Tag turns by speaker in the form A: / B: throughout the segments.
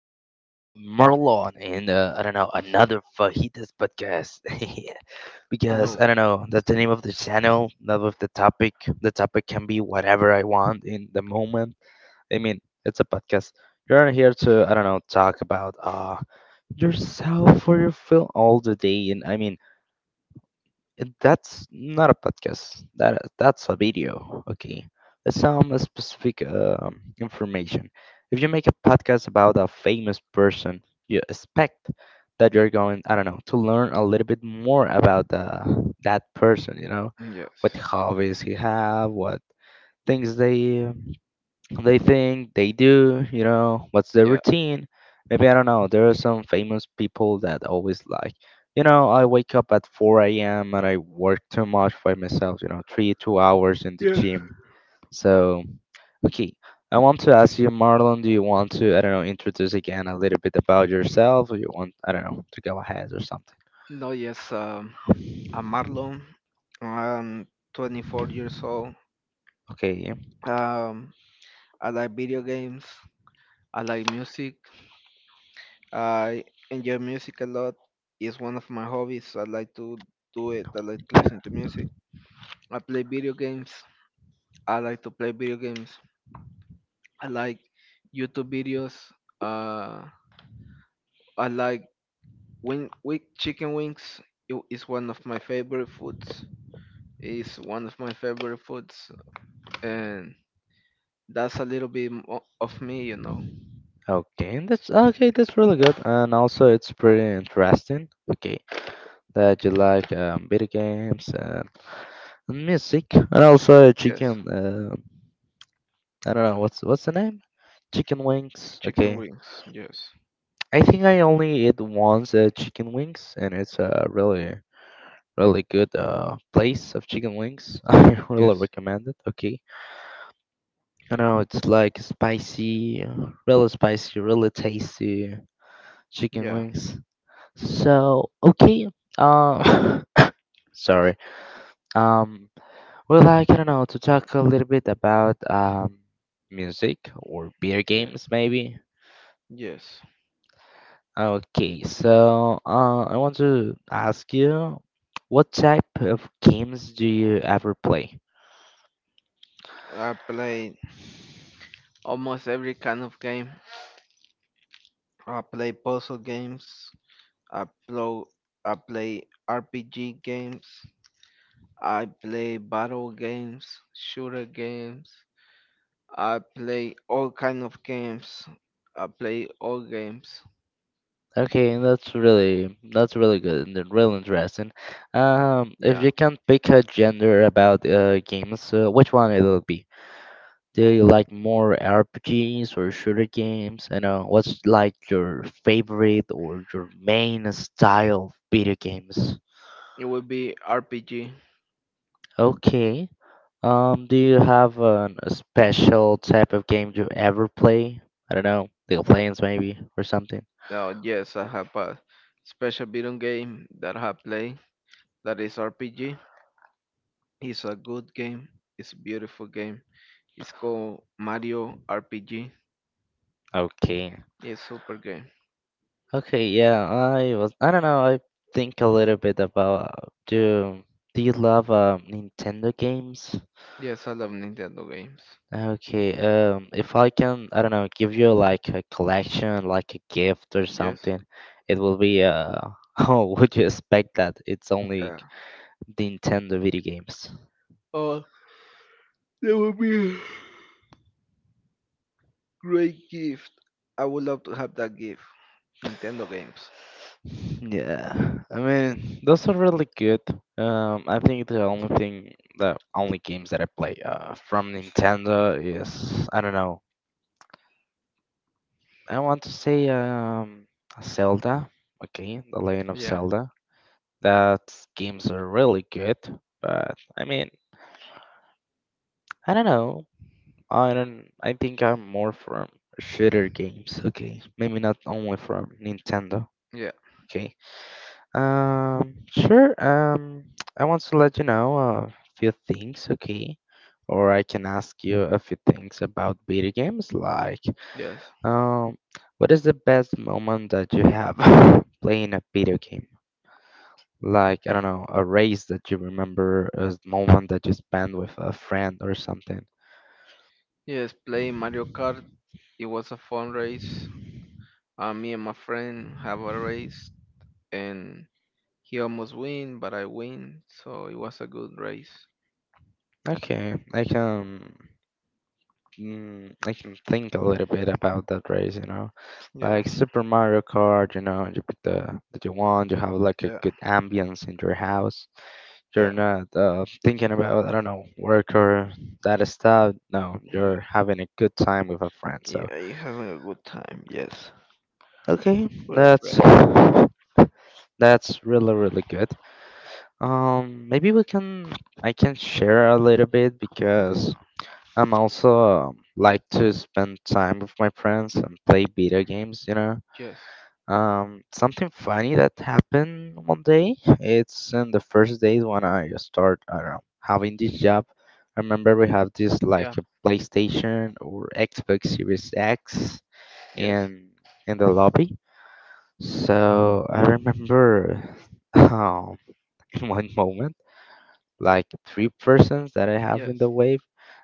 A: here again with Marlon in I don't know another fajitas podcast because
B: Hello.
A: I don't know that's the name of the channel. Not with the topic. The topic can be whatever I want in the moment. I mean, it's a podcast. You're here to, I don't know, talk about yourself or your film all the day, and I mean that's not a podcast. That's a video. Okay, it's some specific information. If you make a podcast about a famous person, you expect that you're going, I don't know, to learn a little bit more about the that person. You know,
B: Yes.
A: what hobbies he have, what things they think they do. You know, what's their
B: Yeah.
A: routine? Maybe, I don't know, there are some famous people that always, like, you know, I wake up at 4 a.m. and I work too much by myself, you know, 3, 2 hours in the
B: Yeah.
A: gym. So okay, I want to ask you, Marlon, do you want to, I don't know, introduce again a little bit about yourself, or you want, I don't know, to go ahead or something?
B: No, yes. I'm Marlon. I'm 24 years old.
A: Okay.
B: Um, I like video games. I like music. I enjoy music a lot. It's one of my hobbies. I like to do it. I like to listen to music. I play video games. I like to play video games. I like YouTube videos. Uh, I like wing chicken wings. It is one of my favorite foods. It's one of my favorite foods, and that's a little bit of me.
A: Okay, that's okay, that's really good, and also it's pretty interesting. Okay, that you like video games, music, and also
B: Yes,
A: chicken. I don't know what's the name. Chicken wings.
B: chicken
A: Okay,
B: wings. Yes,
A: I think I only ate once, chicken wings, and it's a really really good place of chicken wings. I really
B: yes,
A: recommend it. Okay, I know it's like spicy, really spicy, really tasty chicken
B: yeah,
A: wings. So okay, uh, sorry. Um, Well, I don't know, to talk a little bit about music or beer
B: yes,
A: games, maybe.
B: yes.
A: Okay, so I want to ask you, what type of games do you ever play?
B: I play almost every kind of game. I play puzzle games. I play I play RPG games. I play battle games, shooter games. I play all kind of games. I play all games.
A: Okay, that's really good and really interesting. If
B: Yeah.
A: you can pick a gender about games, which one it'll be? Do you like more RPGs or shooter games? And what's, like, your favorite or your main style of video games?
B: It would be RPG.
A: Okay. Do you have a special type of game you ever play? I don't know, League of Legends maybe or something.
B: Oh yes, I have a special video game that I have played that is RPG. It's a good game. It's a beautiful game. It's called Mario RPG.
A: Okay.
B: It's super game.
A: Okay, yeah, I was, I don't know, I think a little bit about do do you love Nintendo games?
B: Yes, I love Nintendo games.
A: Okay, if I can, I don't know, give you like a collection, like a gift or
B: Yes.
A: something, it will be oh, would you expect that? It's only
B: Yeah.
A: Nintendo video games.
B: Oh, that would be a great gift. I would love to have that gift. Nintendo games.
A: Yeah, I mean, those are really good. I think the only thing, the only games that I play from Nintendo is, I don't know, I want to say Zelda. Okay, The Legend of
B: Yeah.
A: Zelda. That games are really good, but I mean. I don't know. I don't. I think I'm more from shooter games. Okay, maybe not only from Nintendo.
B: Yeah.
A: Okay. Sure. I want to let you know a few things. Okay. Or I can ask you a few things about video games, like,
B: Yes.
A: um, what is the best moment that you have playing a video game? Like, I don't know, a race that you remember, a moment that you spent with a friend or something.
B: Yes. Playing Mario Kart. It was a fun race. Me and my friend have a race, and he almost win, but I win. So it was a good race.
A: Okay, I can. I can think a little bit about that race, you know,
B: Yeah,
A: like Super Mario Kart. You know, you put the that you want, you have like a
B: yeah,
A: good ambience in your house. You're
B: yeah,
A: not thinking about, I don't know, work or that stuff. No,
B: yeah.
A: you're having a good time with a friend. So
B: Yeah, you having a good time? Yes.
A: okay,
B: With a friend.
A: that's really really good. Maybe we can I can share a little bit because
B: Yeah.
A: I'm also, like to spend time with my friends and play video games, you know.
B: Yes.
A: Something funny that happened one day, it's in the first days when I start, I don't know, having this job. I remember we have this like
B: Yeah.
A: a PlayStation or Xbox Series X
B: Yes.
A: in the lobby. So I remember um, in one moment, like, three persons that I have in
B: Yes.
A: the wave,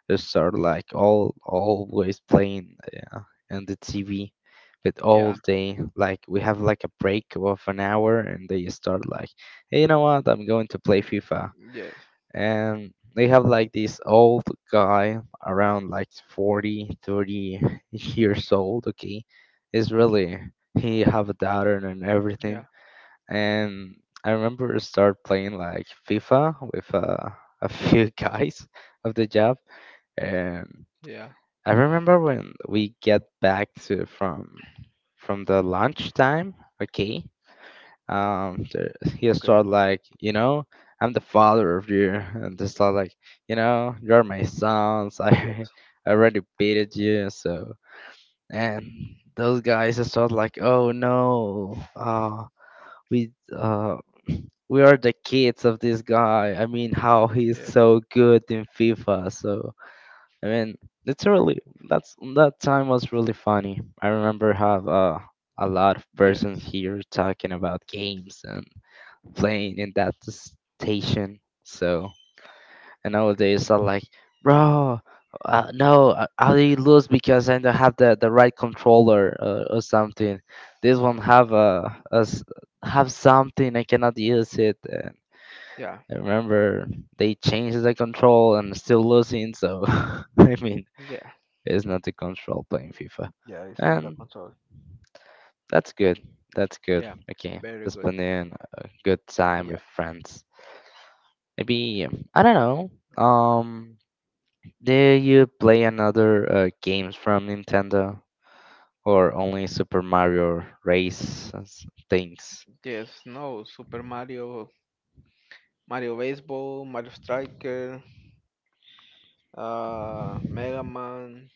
A: they start like all always playing uh, on the TV, but all
B: Yeah.
A: day. Like we have like a break of an hour, and they start like, hey, you know what? I'm going to play FIFA,
B: Yes.
A: and they have like this old guy around, like, 40, 30 years old. Okay, it's really, he have a daughter and
B: Yeah.
A: everything, and I remember start playing like FIFA with a few guys of the job, and
B: Yeah.
A: I remember when we get back to from the lunch time. Okay, um, the, he
B: Okay.
A: start like, you know, I'm the father of you, and they start like, you know, you're my sons.
B: Yes.
A: I already beated you, so. And those guys start like, oh no, we uh we are the kids of this guy. I mean, how he's
B: Yes.
A: so good in FIFA. So I mean, it's really, that time was really funny. I remember have a lot of persons
B: Yes.
A: here talking about games and playing in that station. So and nowadays I'm like, bro. No, I lose because I don't have the right controller or something. This one have have something I cannot use it.
B: Yeah.
A: I remember they changed the control and still losing, so I mean,
B: Yeah.
A: it's not the control playing FIFA.
B: Yeah. It's not that
A: And
B: control.
A: that's good. That's good.
B: Yeah.
A: Okay,
B: Very
A: just
B: good.
A: spending a good time
B: Yeah.
A: with friends. Maybe, I don't know. Do you play another games from Nintendo or only Super Mario Race and things?
B: Yes. No. Super Mario Baseball, Mario Striker, Mega Man,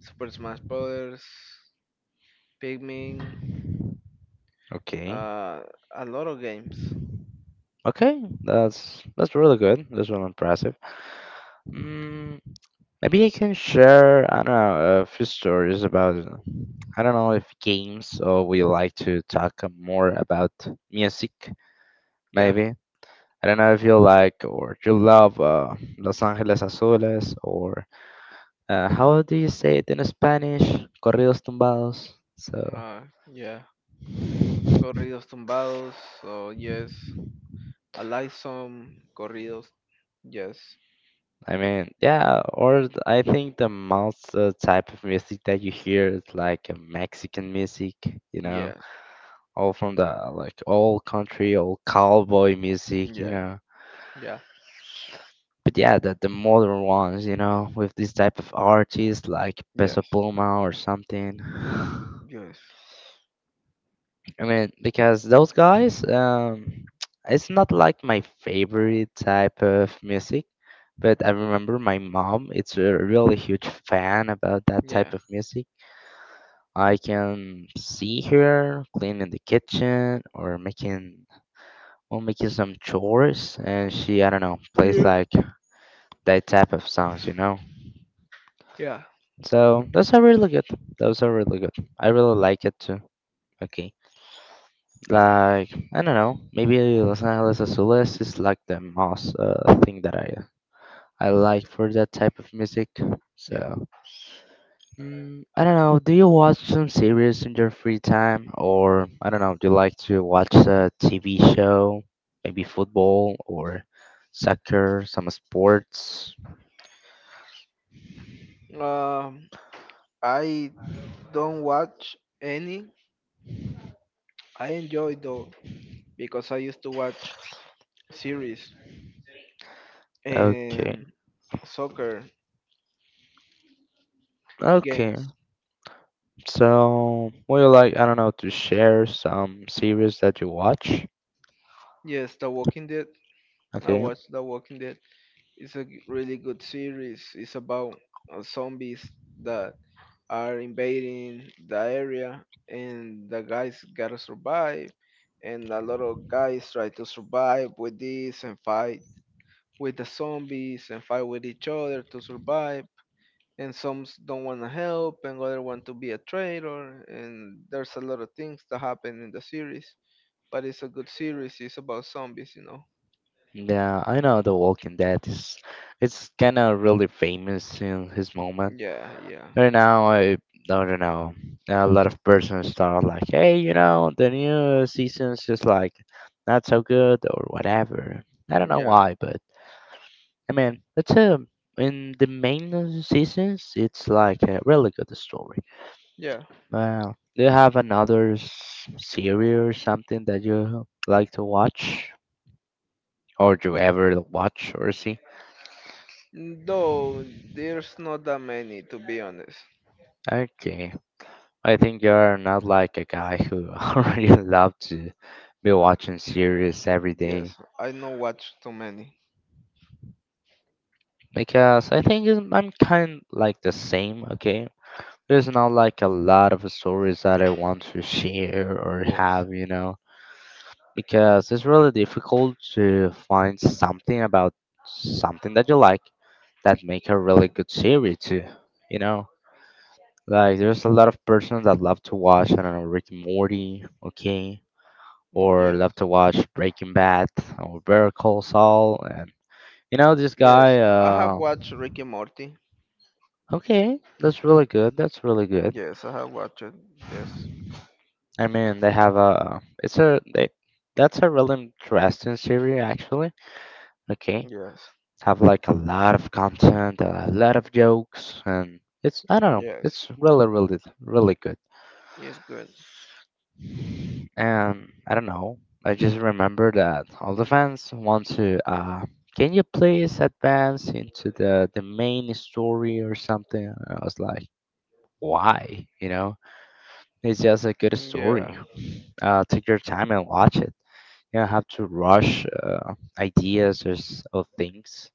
B: Super Smash Brothers, Pikmin,
A: Okay.
B: uh, a lot of games.
A: Okay, that's really good. That's really impressive. Mm, Maybe I can share, I don't know, a few stories about, I don't know if games, or we like to talk more about music,
B: Yeah,
A: maybe. I don't know if you like or you love Los Angeles Azules, or how do you say it in Spanish? Corridos tumbados. So,
B: uh, yeah. Corridos tumbados, so yes. I like some corridos. Yes,
A: I mean, yeah, I think the most type of music that you hear is like Mexican music, you know?
B: yes,
A: All from, the like, all country, all cowboy music, you
B: yeah,
A: know.
B: yeah,
A: But yeah, the modern ones, you know, with this type of artists like Peso
B: yes,
A: Pluma or something.
B: yes,
A: I mean, because those guys, it's not like my favorite type of music, but I remember my mom, it's a really huge fan about that
B: yeah,
A: type of music. I can see her cleaning the kitchen or making we're making some chores, and she, I don't know, plays
B: yeah,
A: like that type of songs, you know?
B: yeah,
A: So those are really good. Those are really good. I really like it too. Okay. Like, I don't know, maybe Los Angeles Azules is like the most thing that I like for that type of music.
B: yeah.
A: So, I don't know, do you watch some series in your free time? Or, I don't know, do you like to watch a TV show? Maybe football or soccer, some sports?
B: Um, I don't watch any. I enjoy though because I used to watch series
A: Okay,
B: and soccer
A: okay.
B: games.
A: So, would you like, I don't know, to share some series that you watch?
B: Yes, The Walking Dead. I
A: Okay.
B: watched The Walking Dead. It's a really good series. It's about zombies that are invading the area, and the guys gotta survive. And a lot of guys try to survive with this and fight with the zombies and fight with each other to survive. And some don't want to help and other want to be a traitor and there's a lot of things that happen in the series, but it's a good series. It's about zombies.
A: Yeah, I know The Walking Dead is it's kind of really famous in his moment.
B: Yeah, yeah,
A: Right now, I don't know. A lot of persons start like, hey, you know, the new season's just like not so good or whatever. I don't know
B: yeah,
A: why, but I mean, it's a in the main seasons, it's like a really good story.
B: yeah,
A: Wow. Do you have another series or something that you like to watch? Or do you ever watch or see?
B: though there's not that many to be honest.
A: Okay. I think you're not like a guy who already love to be watching series every
B: Yes,
A: day.
B: I don't watch too many.
A: Because I think I'm kind like the same, okay? There's not like a lot of stories that I want to share or
B: Yes,
A: have, you know? Because it's really difficult to find something about something that you like that make a really good series too. You know, like there's a lot of persons that love to watch, I don't know, Rick and Morty, okay, or love
B: yes,
A: to watch Breaking Bad or Better Call Saul, and you know this
B: yes,
A: guy.
B: I have
A: Uh,
B: watched Rick and Morty.
A: okay, that's really good. That's really good.
B: Yes, I have watched it. Yes,
A: I mean, they have a it's a they that's a really interesting series actually. Okay,
B: yes,
A: have like a lot of content, a lot of jokes, and it's I don't know,
B: yes,
A: it's really really really good.
B: it's good.
A: And I don't know, I just remember that all the fans want to. Can you please advance into the main story or something? And I was like, why? You know, it's just a good
B: Yeah,
A: story. Take your time and watch it. You don't have to rush ideas, or things.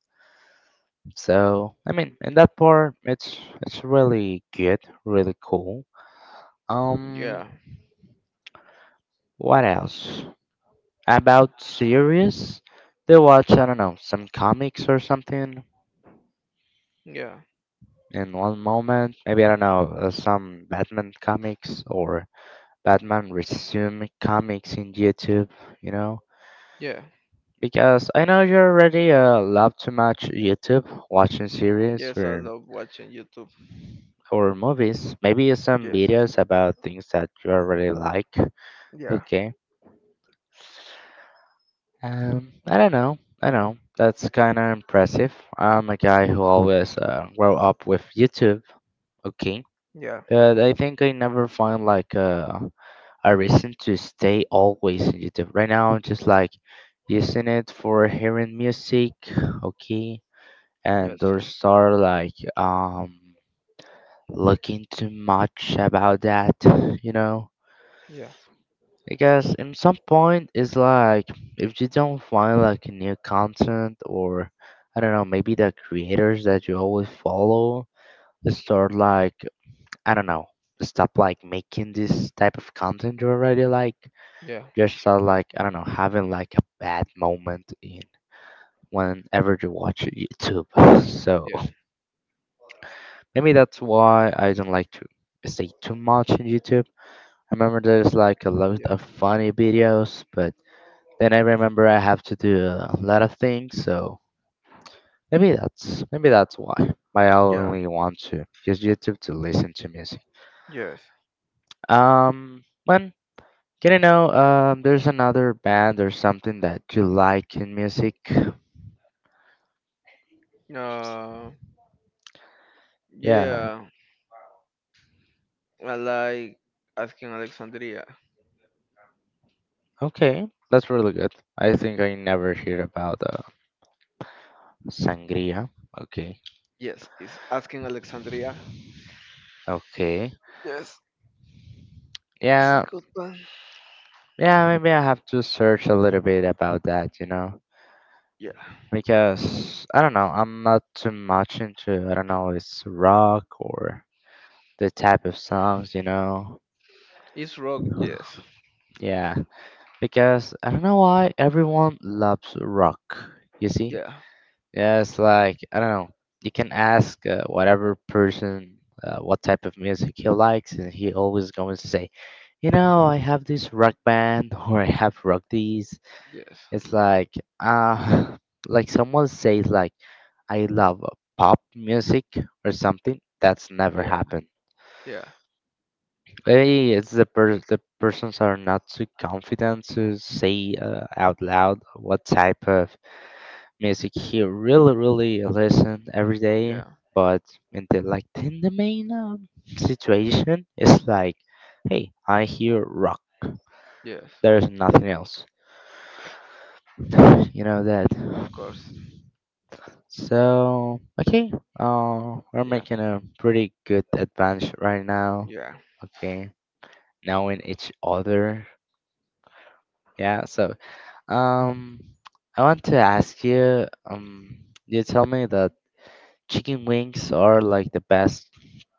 A: So I mean, in that part, it's really good, really cool. Um,
B: yeah,
A: what else about series? They watch, I don't know, some comics or something
B: yeah.
A: in one moment. Maybe I don't know, some Batman comics or Batman resume comics in YouTube. You know
B: Yeah.
A: because I know you already love too much YouTube, watching series
B: Yes, I
A: or
B: love watching YouTube.
A: movies. Maybe some
B: Yes.
A: videos about things that you already like.
B: Yeah.
A: Okay. I don't know. I know. That's kind of impressive. I'm a guy who always grow up with YouTube. Okay.
B: Yeah.
A: But I think I never find like a reason to stay always in YouTube. Right now, I'm just like using it for hearing music. Okay. And
B: Yes.
A: don't start like looking too much about that. You know.
B: Yeah.
A: Because in some point it's like, if you don't find like new content or I don't know, maybe the creators that you always follow start like, I don't know, stop like making this type of content you already like.
B: Yeah.
A: Just start like, I don't know, having like a bad moment in whenever you watch YouTube. So
B: Yeah.
A: maybe that's why I don't like to stay too much in YouTube. I remember there's like a lot
B: Yeah.
A: of funny videos, but then I remember I have to do a lot of things, so maybe that's why. But I
B: Yeah.
A: only want to use YouTube to listen to music.
B: Yes.
A: When can you know there's another band or something that you like in music?
B: Uh,
A: Yeah,
B: yeah. I like Asking Alexandria.
A: okay, that's really good. I think I never hear about Sangria. Okay,
B: Yes, it's Asking Alexandria.
A: okay,
B: Yes. It's a
A: yeah,
B: good one.
A: yeah. Maybe I have to search a little bit about that. You know.
B: Yeah.
A: Because I don't know, I'm not too much into, I don't know, it's rock or the type of songs, you know.
B: It's rock. Yes.
A: Yeah, because I don't know why everyone loves rock. You see,
B: Yeah.
A: yeah, it's like I don't know. You can ask whatever person what type of music he likes, and he always going to say, you know, I have this rock band or I have rock this.
B: Yes.
A: It's like uh like someone says like, I love pop music or something. That's never
B: Yeah.
A: happened.
B: Yeah.
A: Maybe it's the persons are not too confident to say out loud what type of music he really really listen every day.
B: Yeah.
A: But in the, like in the main situation, it's like, hey, I hear rock.
B: Yes.
A: There's nothing else. You know that.
B: Of course.
A: So okay, we're
B: Yeah.
A: making a pretty good advance right now.
B: Yeah.
A: Okay, knowing each other. Yeah. So um, I want to ask you. You tell me that chicken wings are like the best.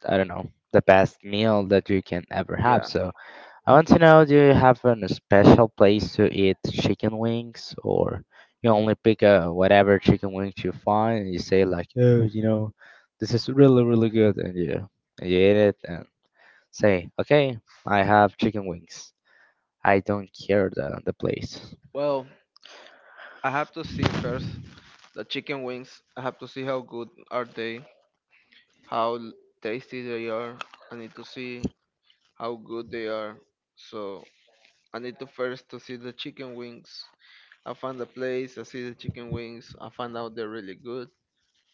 A: I don't know, the best meal that you can ever have.
B: Yeah.
A: So I want to know, do you have a special place to eat chicken wings, or you only pick a whatever chicken wings you find, and you say like, oh, you know, this is really really good, and you eat it and say, okay, I have chicken wings. I don't care the place.
B: Well, I have to see first. The chicken wings, I have to see how good are they, how tasty they are. I need to see how good they are. So I need to first to see the chicken wings. I find the place, I see the chicken wings, I find out they're really good.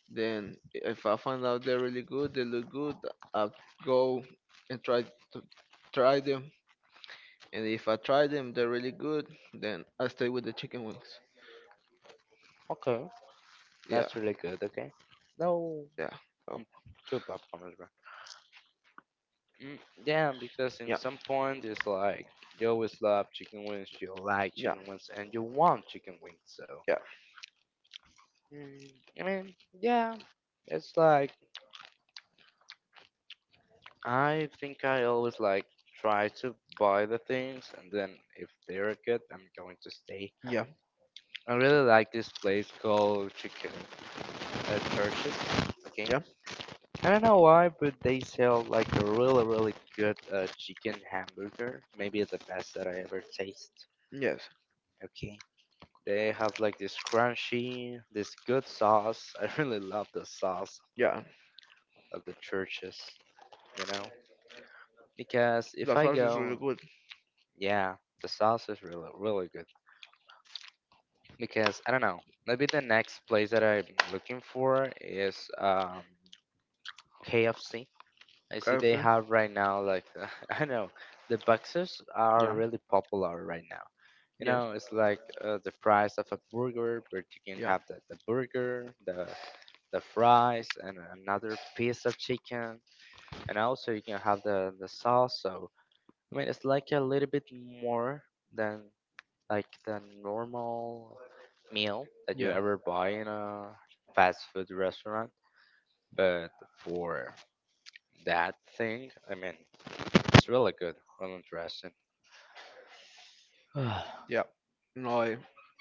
B: Then if I find out they're really good, they look good, I'll go and to try them. And if I try them, they're really good, then I stay with the chicken wings.
A: Okay,
B: Yeah,
A: that's really good. Okay, no,
B: yeah. Oh,
A: I'm two popcorn. Mm, yeah, because in
B: yeah,
A: some point it's like, you always love chicken wings, you like
B: yeah,
A: chicken wings, and you want chicken wings. So
B: yeah,
A: mm, I mean, yeah, it's like, I think I always like try to buy the things, and then if they're good, I'm going to stay.
B: yeah,
A: I really like this place called Chicken Churches. Okay,
B: yeah,
A: I don't know why, but they sell like a really, really good chicken hamburger. Maybe it's the best that I ever taste.
B: yes,
A: Okay. They have like this crunchy, this good sauce. I really love the sauce
B: yeah.
A: of the churches, you know. Because if
B: The
A: I
B: sauce is
A: go,
B: really good.
A: yeah, the sauce is really, really good. Because I don't know, maybe the next place that I'm looking for is KFC. I see
B: I
A: they
B: feel.
A: have right now, like, I know, the boxes are
B: Yeah.
A: really popular right now. You
B: Yes.
A: know, it's like the price of a burger, but you can
B: Yeah.
A: have the burger, the fries, and another piece of chicken, and also you can have the sauce. So I mean, it's like a little bit more than like the normal meal that you
B: Yeah.
A: ever buy in a fast food restaurant. But for that thing, I mean, it's really good, really interesting.
B: Yeah. No, I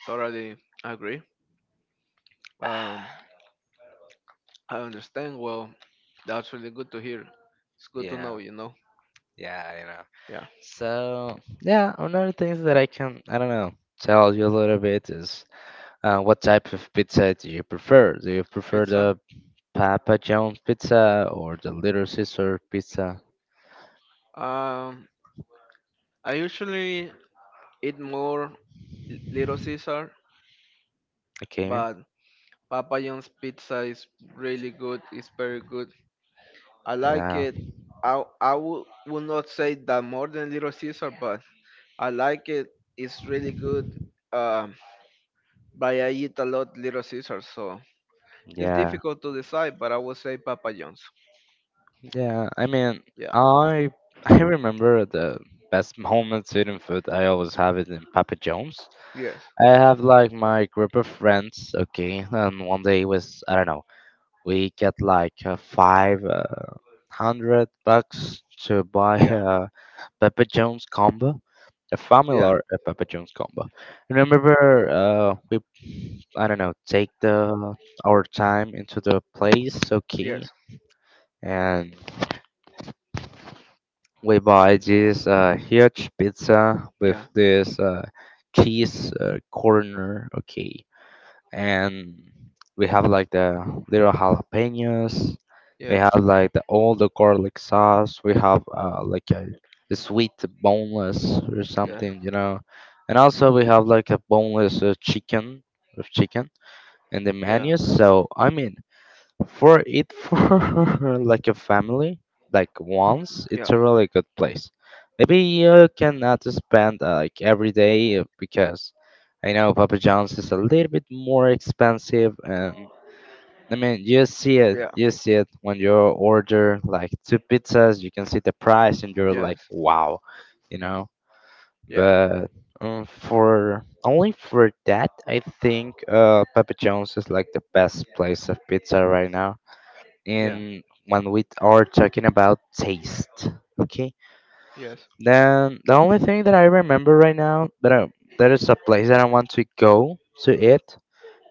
B: totally agree. Um, I understand. Well, that's really good to hear. It's good to
A: Yeah,
B: know. You know.
A: yeah, you know.
B: Yeah.
A: So yeah, another things that I can, I don't know, tell you a little bit is what type of pizza do you prefer? Do you prefer
B: Pizza.
A: the Papa John's pizza or the Little Caesar pizza?
B: Um, I usually eat more Little Caesar,
A: Okay.
B: but Papa John's pizza is really good. It's very good. I like
A: Yeah,
B: it. I would not say that more than Little Caesar, but I like it. It's really good. Um, but I eat a lot Little Caesar, so it's
A: yeah.
B: difficult to decide. But I would say Papa John's.
A: Yeah, I mean,
B: Yeah.
A: I I remember the best home Sweden food. I always have it in Papa John's.
B: Yes.
A: I have like my group of friends, okay, and one day was, I don't know, we get like five hundred bucks to buy
B: Yeah.
A: a Papa John's combo, a
B: Yeah.
A: familiar Papa John's combo. Remember, we I don't know, take the our time into the place, okay,
B: Yes.
A: and we buy this huge pizza with
B: Yeah.
A: this cheese corner, okay, and we have like the little jalapenos. We have
B: Yes.
A: like all the garlic sauce. We have like a sweet boneless or
B: Yeah.
A: something, you know, and also we have like a boneless chicken with chicken in the
B: Yeah.
A: menu. So I mean, for like a family, like once, it's
B: Yeah.
A: a really good place. Maybe you cannot spend like every day because I know Papa John's is a little bit more expensive, and I mean you see it,
B: Yeah.
A: when you order like two pizzas, you can see the price, and you're like,
B: Yes.
A: wow, you know.
B: Yeah.
A: But for only for that, I think Papa John's is like the best place of pizza right now,
B: Yeah.
A: and when we are talking about taste, okay,
B: Yes.
A: then the only thing that I remember right now that there is a place that I want to go to eat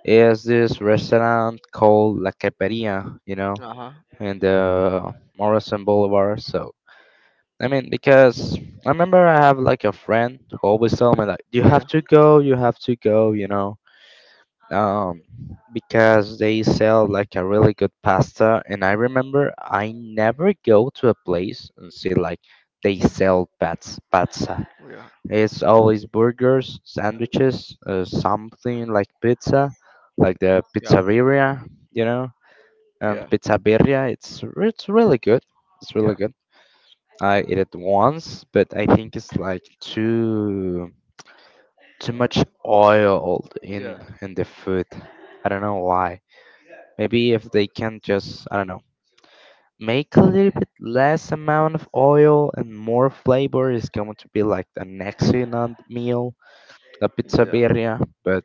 A: is this restaurant called la Creperia, you know,
B: Uh huh.
A: in the Morrison Boulevard. So I mean, because I remember I have like a friend who always told me like, you
B: Yeah.
A: have to go, you know. um, because they sell like a really good pasta. And I remember I never go to a place and see like they sell pats pizza.
B: Yeah.
A: It's always burgers, sandwiches, something like pizza, like the
B: Yeah.
A: pizzeria, you know,
B: Yeah.
A: pizzeria. It's really good. It's really
B: Yeah.
A: good. I ate it once, but I think it's like too much oil in
B: Yeah,
A: the food. I don't know why. Maybe if they can just, I don't know, make a little bit less amount of oil and more flavor, is going to be like an excellent meal, la
B: yeah,
A: pizzeria. But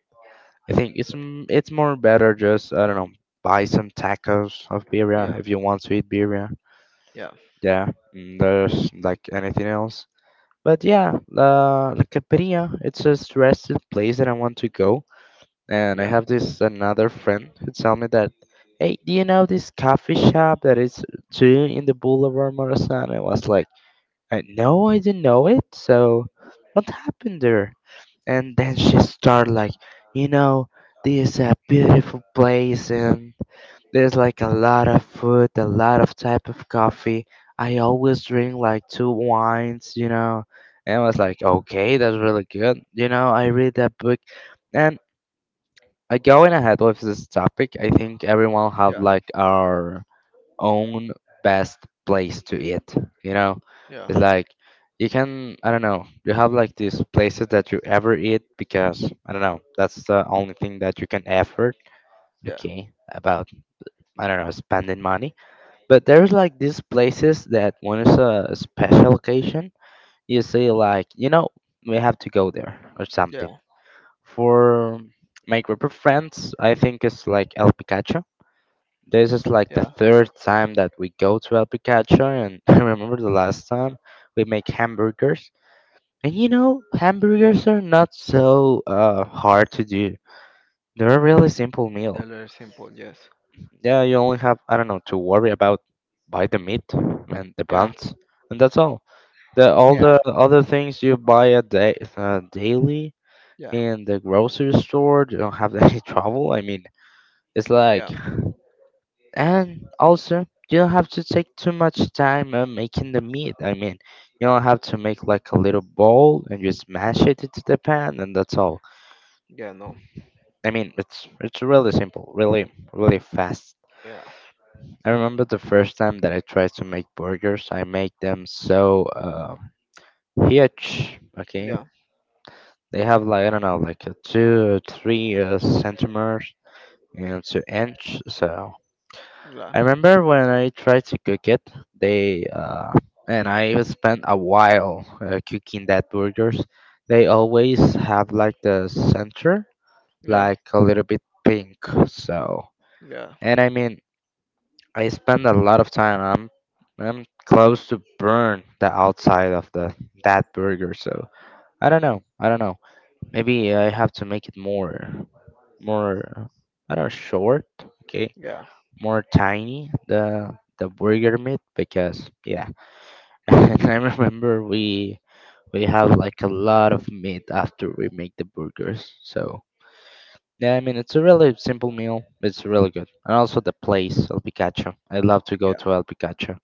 A: I think it's more better just, I don't know, buy some tacos of birria
B: yeah,
A: if you want to eat birria.
B: yeah,
A: Yeah, mm, there's like anything else. But yeah, la Capiria, it's a suggested place that I want to go. And I
B: yeah,
A: have this another friend who tell me that, hey, do you know this coffee shop that is two in the Boulevard Morazan? I was like, I no, I didn't know it. So, what happened there? And then she started like, you know, this is a beautiful place, and there's like a lot of food, a lot of type of coffee. I always drink like two wines, you know. And I was like,
B: uh-huh.
A: okay, that's really good. You know, I read that book, and going ahead with this topic, I think everyone have
B: Yeah,
A: like our own best place to eat. You know,
B: yeah,
A: it's like you can, I don't know, you have like these places that you ever eat because I don't know, that's the only thing that you can afford.
B: yeah,
A: Okay, about I don't know spending money, but there's like these places that when it's a special occasion, you say like, you know, we have to go there or something.
B: yeah,
A: For my group of friends, I think it's like El Picacho. This is like the
B: yeah,
A: third time that we go to El Picacho, and I remember the last time we make hamburgers. And you know,
B: yeah.
A: hamburgers are not so hard to do. They're a really simple meal.
B: They're very simple. Yes.
A: Yeah, you only have, I don't know, to worry about buy the meat and the
B: Yeah,
A: buns, and that's all. The All
B: yeah,
A: the other things you buy a day, daily,
B: yeah,
A: in the grocery store, you don't have any trouble. I mean, it's like,
B: yeah,
A: and also, you don't have to take too much time making the meat. I mean, you
B: yeah,
A: don't have to make like a little bowl and just mash it into the pan, and that's all.
B: yeah. No.
A: I mean, it's really simple, really fast.
B: Yeah,
A: I remember the first time that I tried to make burgers, I make them so huge. Okay,
B: yeah,
A: they have like I don't know, like a two, three centimeters, you know, two inch. So
B: yeah,
A: I remember when I tried to cook it, they and I spent a while cooking that burgers. They always have like the center
B: yeah,
A: like a little bit pink. So,
B: yeah,
A: and I mean, I spend a lot of time. I'm close to burn the outside of the that burger. So I don't know. I don't know. Maybe I have to make it more more. I don't know, short. Okay,
B: yeah,
A: more tiny the burger meat because yeah.
B: yeah,
A: And I remember we have like a lot of meat after we make the burgers. So yeah, I mean, it's a really simple meal, it's really good. And also the place El Picacho, I love to go
B: yeah.
A: to El Picacho.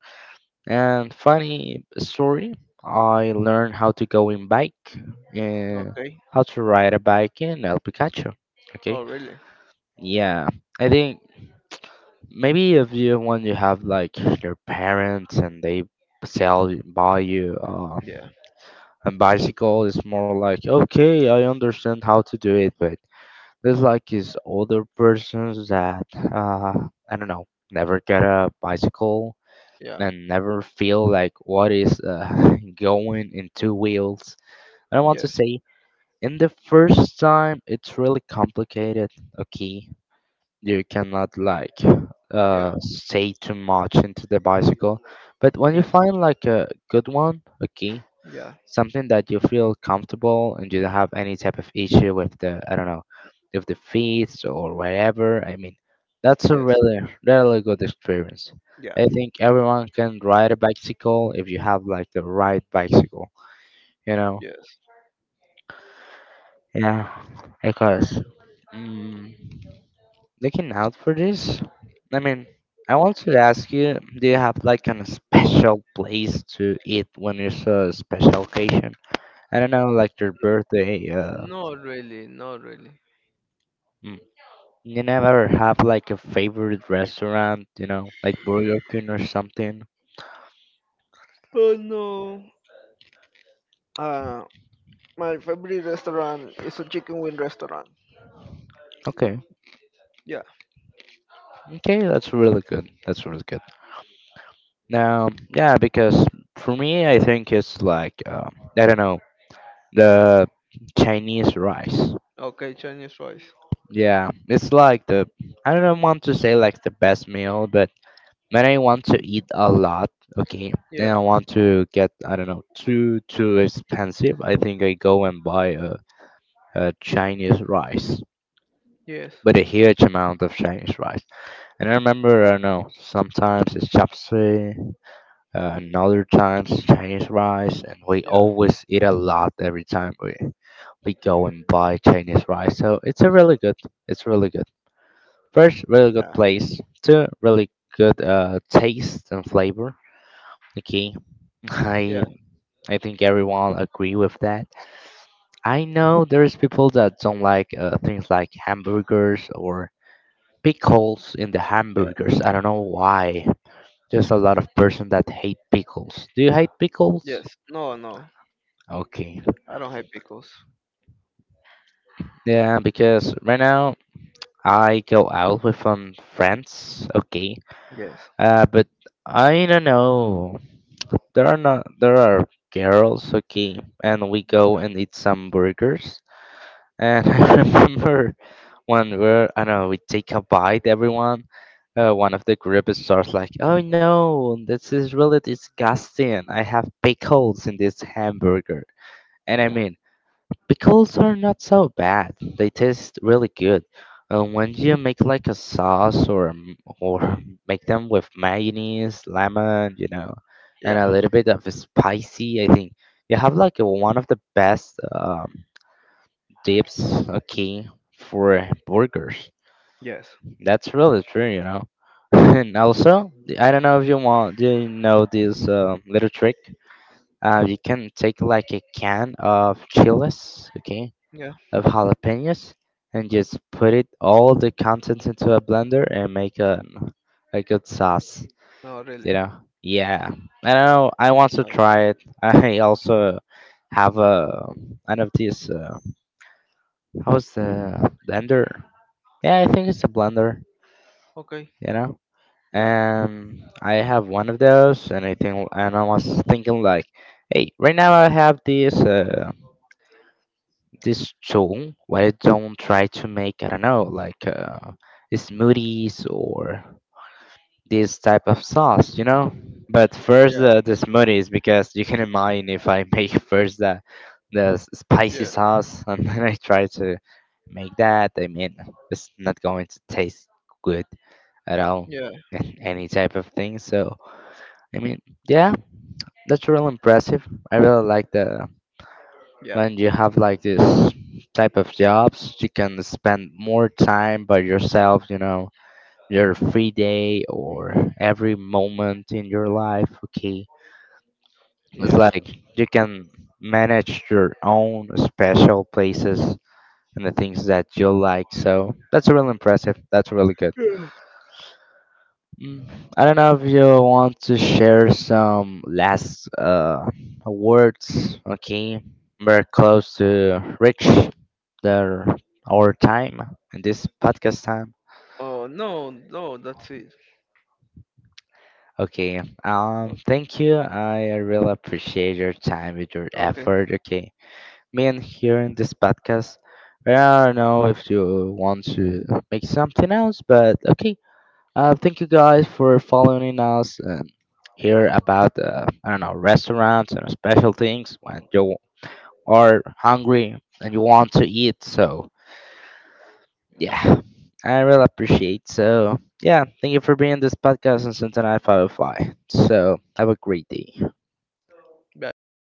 A: And funny story, I learned how to go in bike and
B: Okay.
A: how to ride a bike in El Picacho. Okay,
B: Oh, really?
A: yeah, I think maybe if you when you have like your parents and they buy you
B: Yeah,
A: a bicycle, it's more like okay, I understand how to do it, but there's like these older persons that uh, I don't know, never get a bicycle
B: yeah.
A: and never feel like what is going in two wheels. And I want to
B: Yes,
A: say, in the first time, it's really complicated. Okay, you cannot like
B: yeah,
A: say too much into the bicycle, but when you
B: yes,
A: find like a good one, okay,
B: yeah,
A: something that you feel comfortable and you don't have any type of issue with the I don't know, with the feet or whatever, I mean, that's a
B: yes,
A: really really good experience.
B: yeah,
A: I think everyone can ride a bicycle if you have like the right bicycle, you know.
B: yes.
A: Yeah, because. Course looking out for this. I mean, I want to ask you, do you have like an special place to eat when it's a special occasion? I don't know, like your birthday.
B: Not really, not really.
A: Mm, you never have like a favorite restaurant, you know, like Burger King or something.
B: Oh no. Ah. My favorite restaurant is a chicken wing restaurant.
A: Okay,
B: Yeah.
A: okay, that's really good. That's really good. Now, yeah, because for me, I think it's like I don't know, the Chinese rice.
B: Okay, Chinese rice.
A: Yeah, it's like the, I don't want to say like the best meal, but when I want to eat a lot, okay, and I
B: Yeah.
A: want to get I don't know too too expensive, I think I go and buy a Chinese rice,
B: Yes.
A: but a huge amount of Chinese rice. And I remember I don't know sometimes it's chapsuey, another times it's Chinese rice, and we
B: Yeah.
A: always eat a lot every time we go and buy Chinese rice. So it's a really good, it's really good. First, really good
B: Yeah.
A: place. Two, really good taste and flavor. Okay, I
B: Yeah.
A: I think everyone agree with that. I know there's people that don't like things like hamburgers or pickles in the
B: Yeah.
A: hamburgers. I don't know why. There's a lot of person that hate pickles. Do you hate pickles?
B: Yes. No. No.
A: Okay.
B: I don't hate pickles.
A: Yeah, because right now I go out with some friends. Okay.
B: Yes.
A: But I don't know. There are not there are girls, okay, and we go
B: Yeah.
A: and eat some burgers. And I remember one where I don't know we take a bite, everyone. One of the group starts like, "Oh no, this is really disgusting! I have pickles in this hamburger." And I
B: Yeah.
A: mean, pickles are not so bad. They taste really good. And when you make like a sauce or or make them with mayonnaise, lemon, you know, and
B: Yeah.
A: a little bit of spicy, I think you have like one of the best dips, okay, for burgers.
B: Yes.
A: That's really true, you know. And also, I don't know if you want, do you know this little trick? You can take like a can of chiles, okay,
B: Yeah.
A: of jalapenos and just put it all the contents into a blender and make a good sauce.
B: No,
A: You
B: really.
A: know? Yeah. I don't know. I want to
B: Nice.
A: try it. I also have a one of these. How's the blender? Yeah, I think it's a blender.
B: Okay.
A: You know?
B: Yeah.
A: And I have one of those, and I think, and I was thinking like, hey, right now I have this. This song where don't try to make I don't know like smoothies or this type of sauce, you know. But first
B: Yeah.
A: the smoothies because you can imagine if I make first the spicy
B: Yeah.
A: sauce and then I try to make that. I mean, it's not going to taste good at all
B: Yeah.
A: and any type of thing. So I mean, yeah, that's real impressive. I really like the
B: Yeah. Yeah.
A: when you have like this type of jobs, you can spend more time by yourself, you know, your free day or every moment in your life, okay? It's like you can manage your own special places and the things that you like. So that's really impressive. That's really good.
B: Yeah.
A: Mm, I don't know if you want to share some last words, okay? We're close to reach the our time and this podcast time.
B: Oh no, no, that's it.
A: Okay.
B: Okay.
A: Thank you. I really appreciate your time with your
B: Okay.
A: effort. Okay. Me and here in this podcast. I don't know if you want to make something else, but okay. Thank you guys for following us and hear about I don't know restaurants and special things when you are hungry and you want to eat. So yeah, I really appreciate. So yeah, thank you for being this podcast on Centennial Firefly. So have a great day.
B: Bye.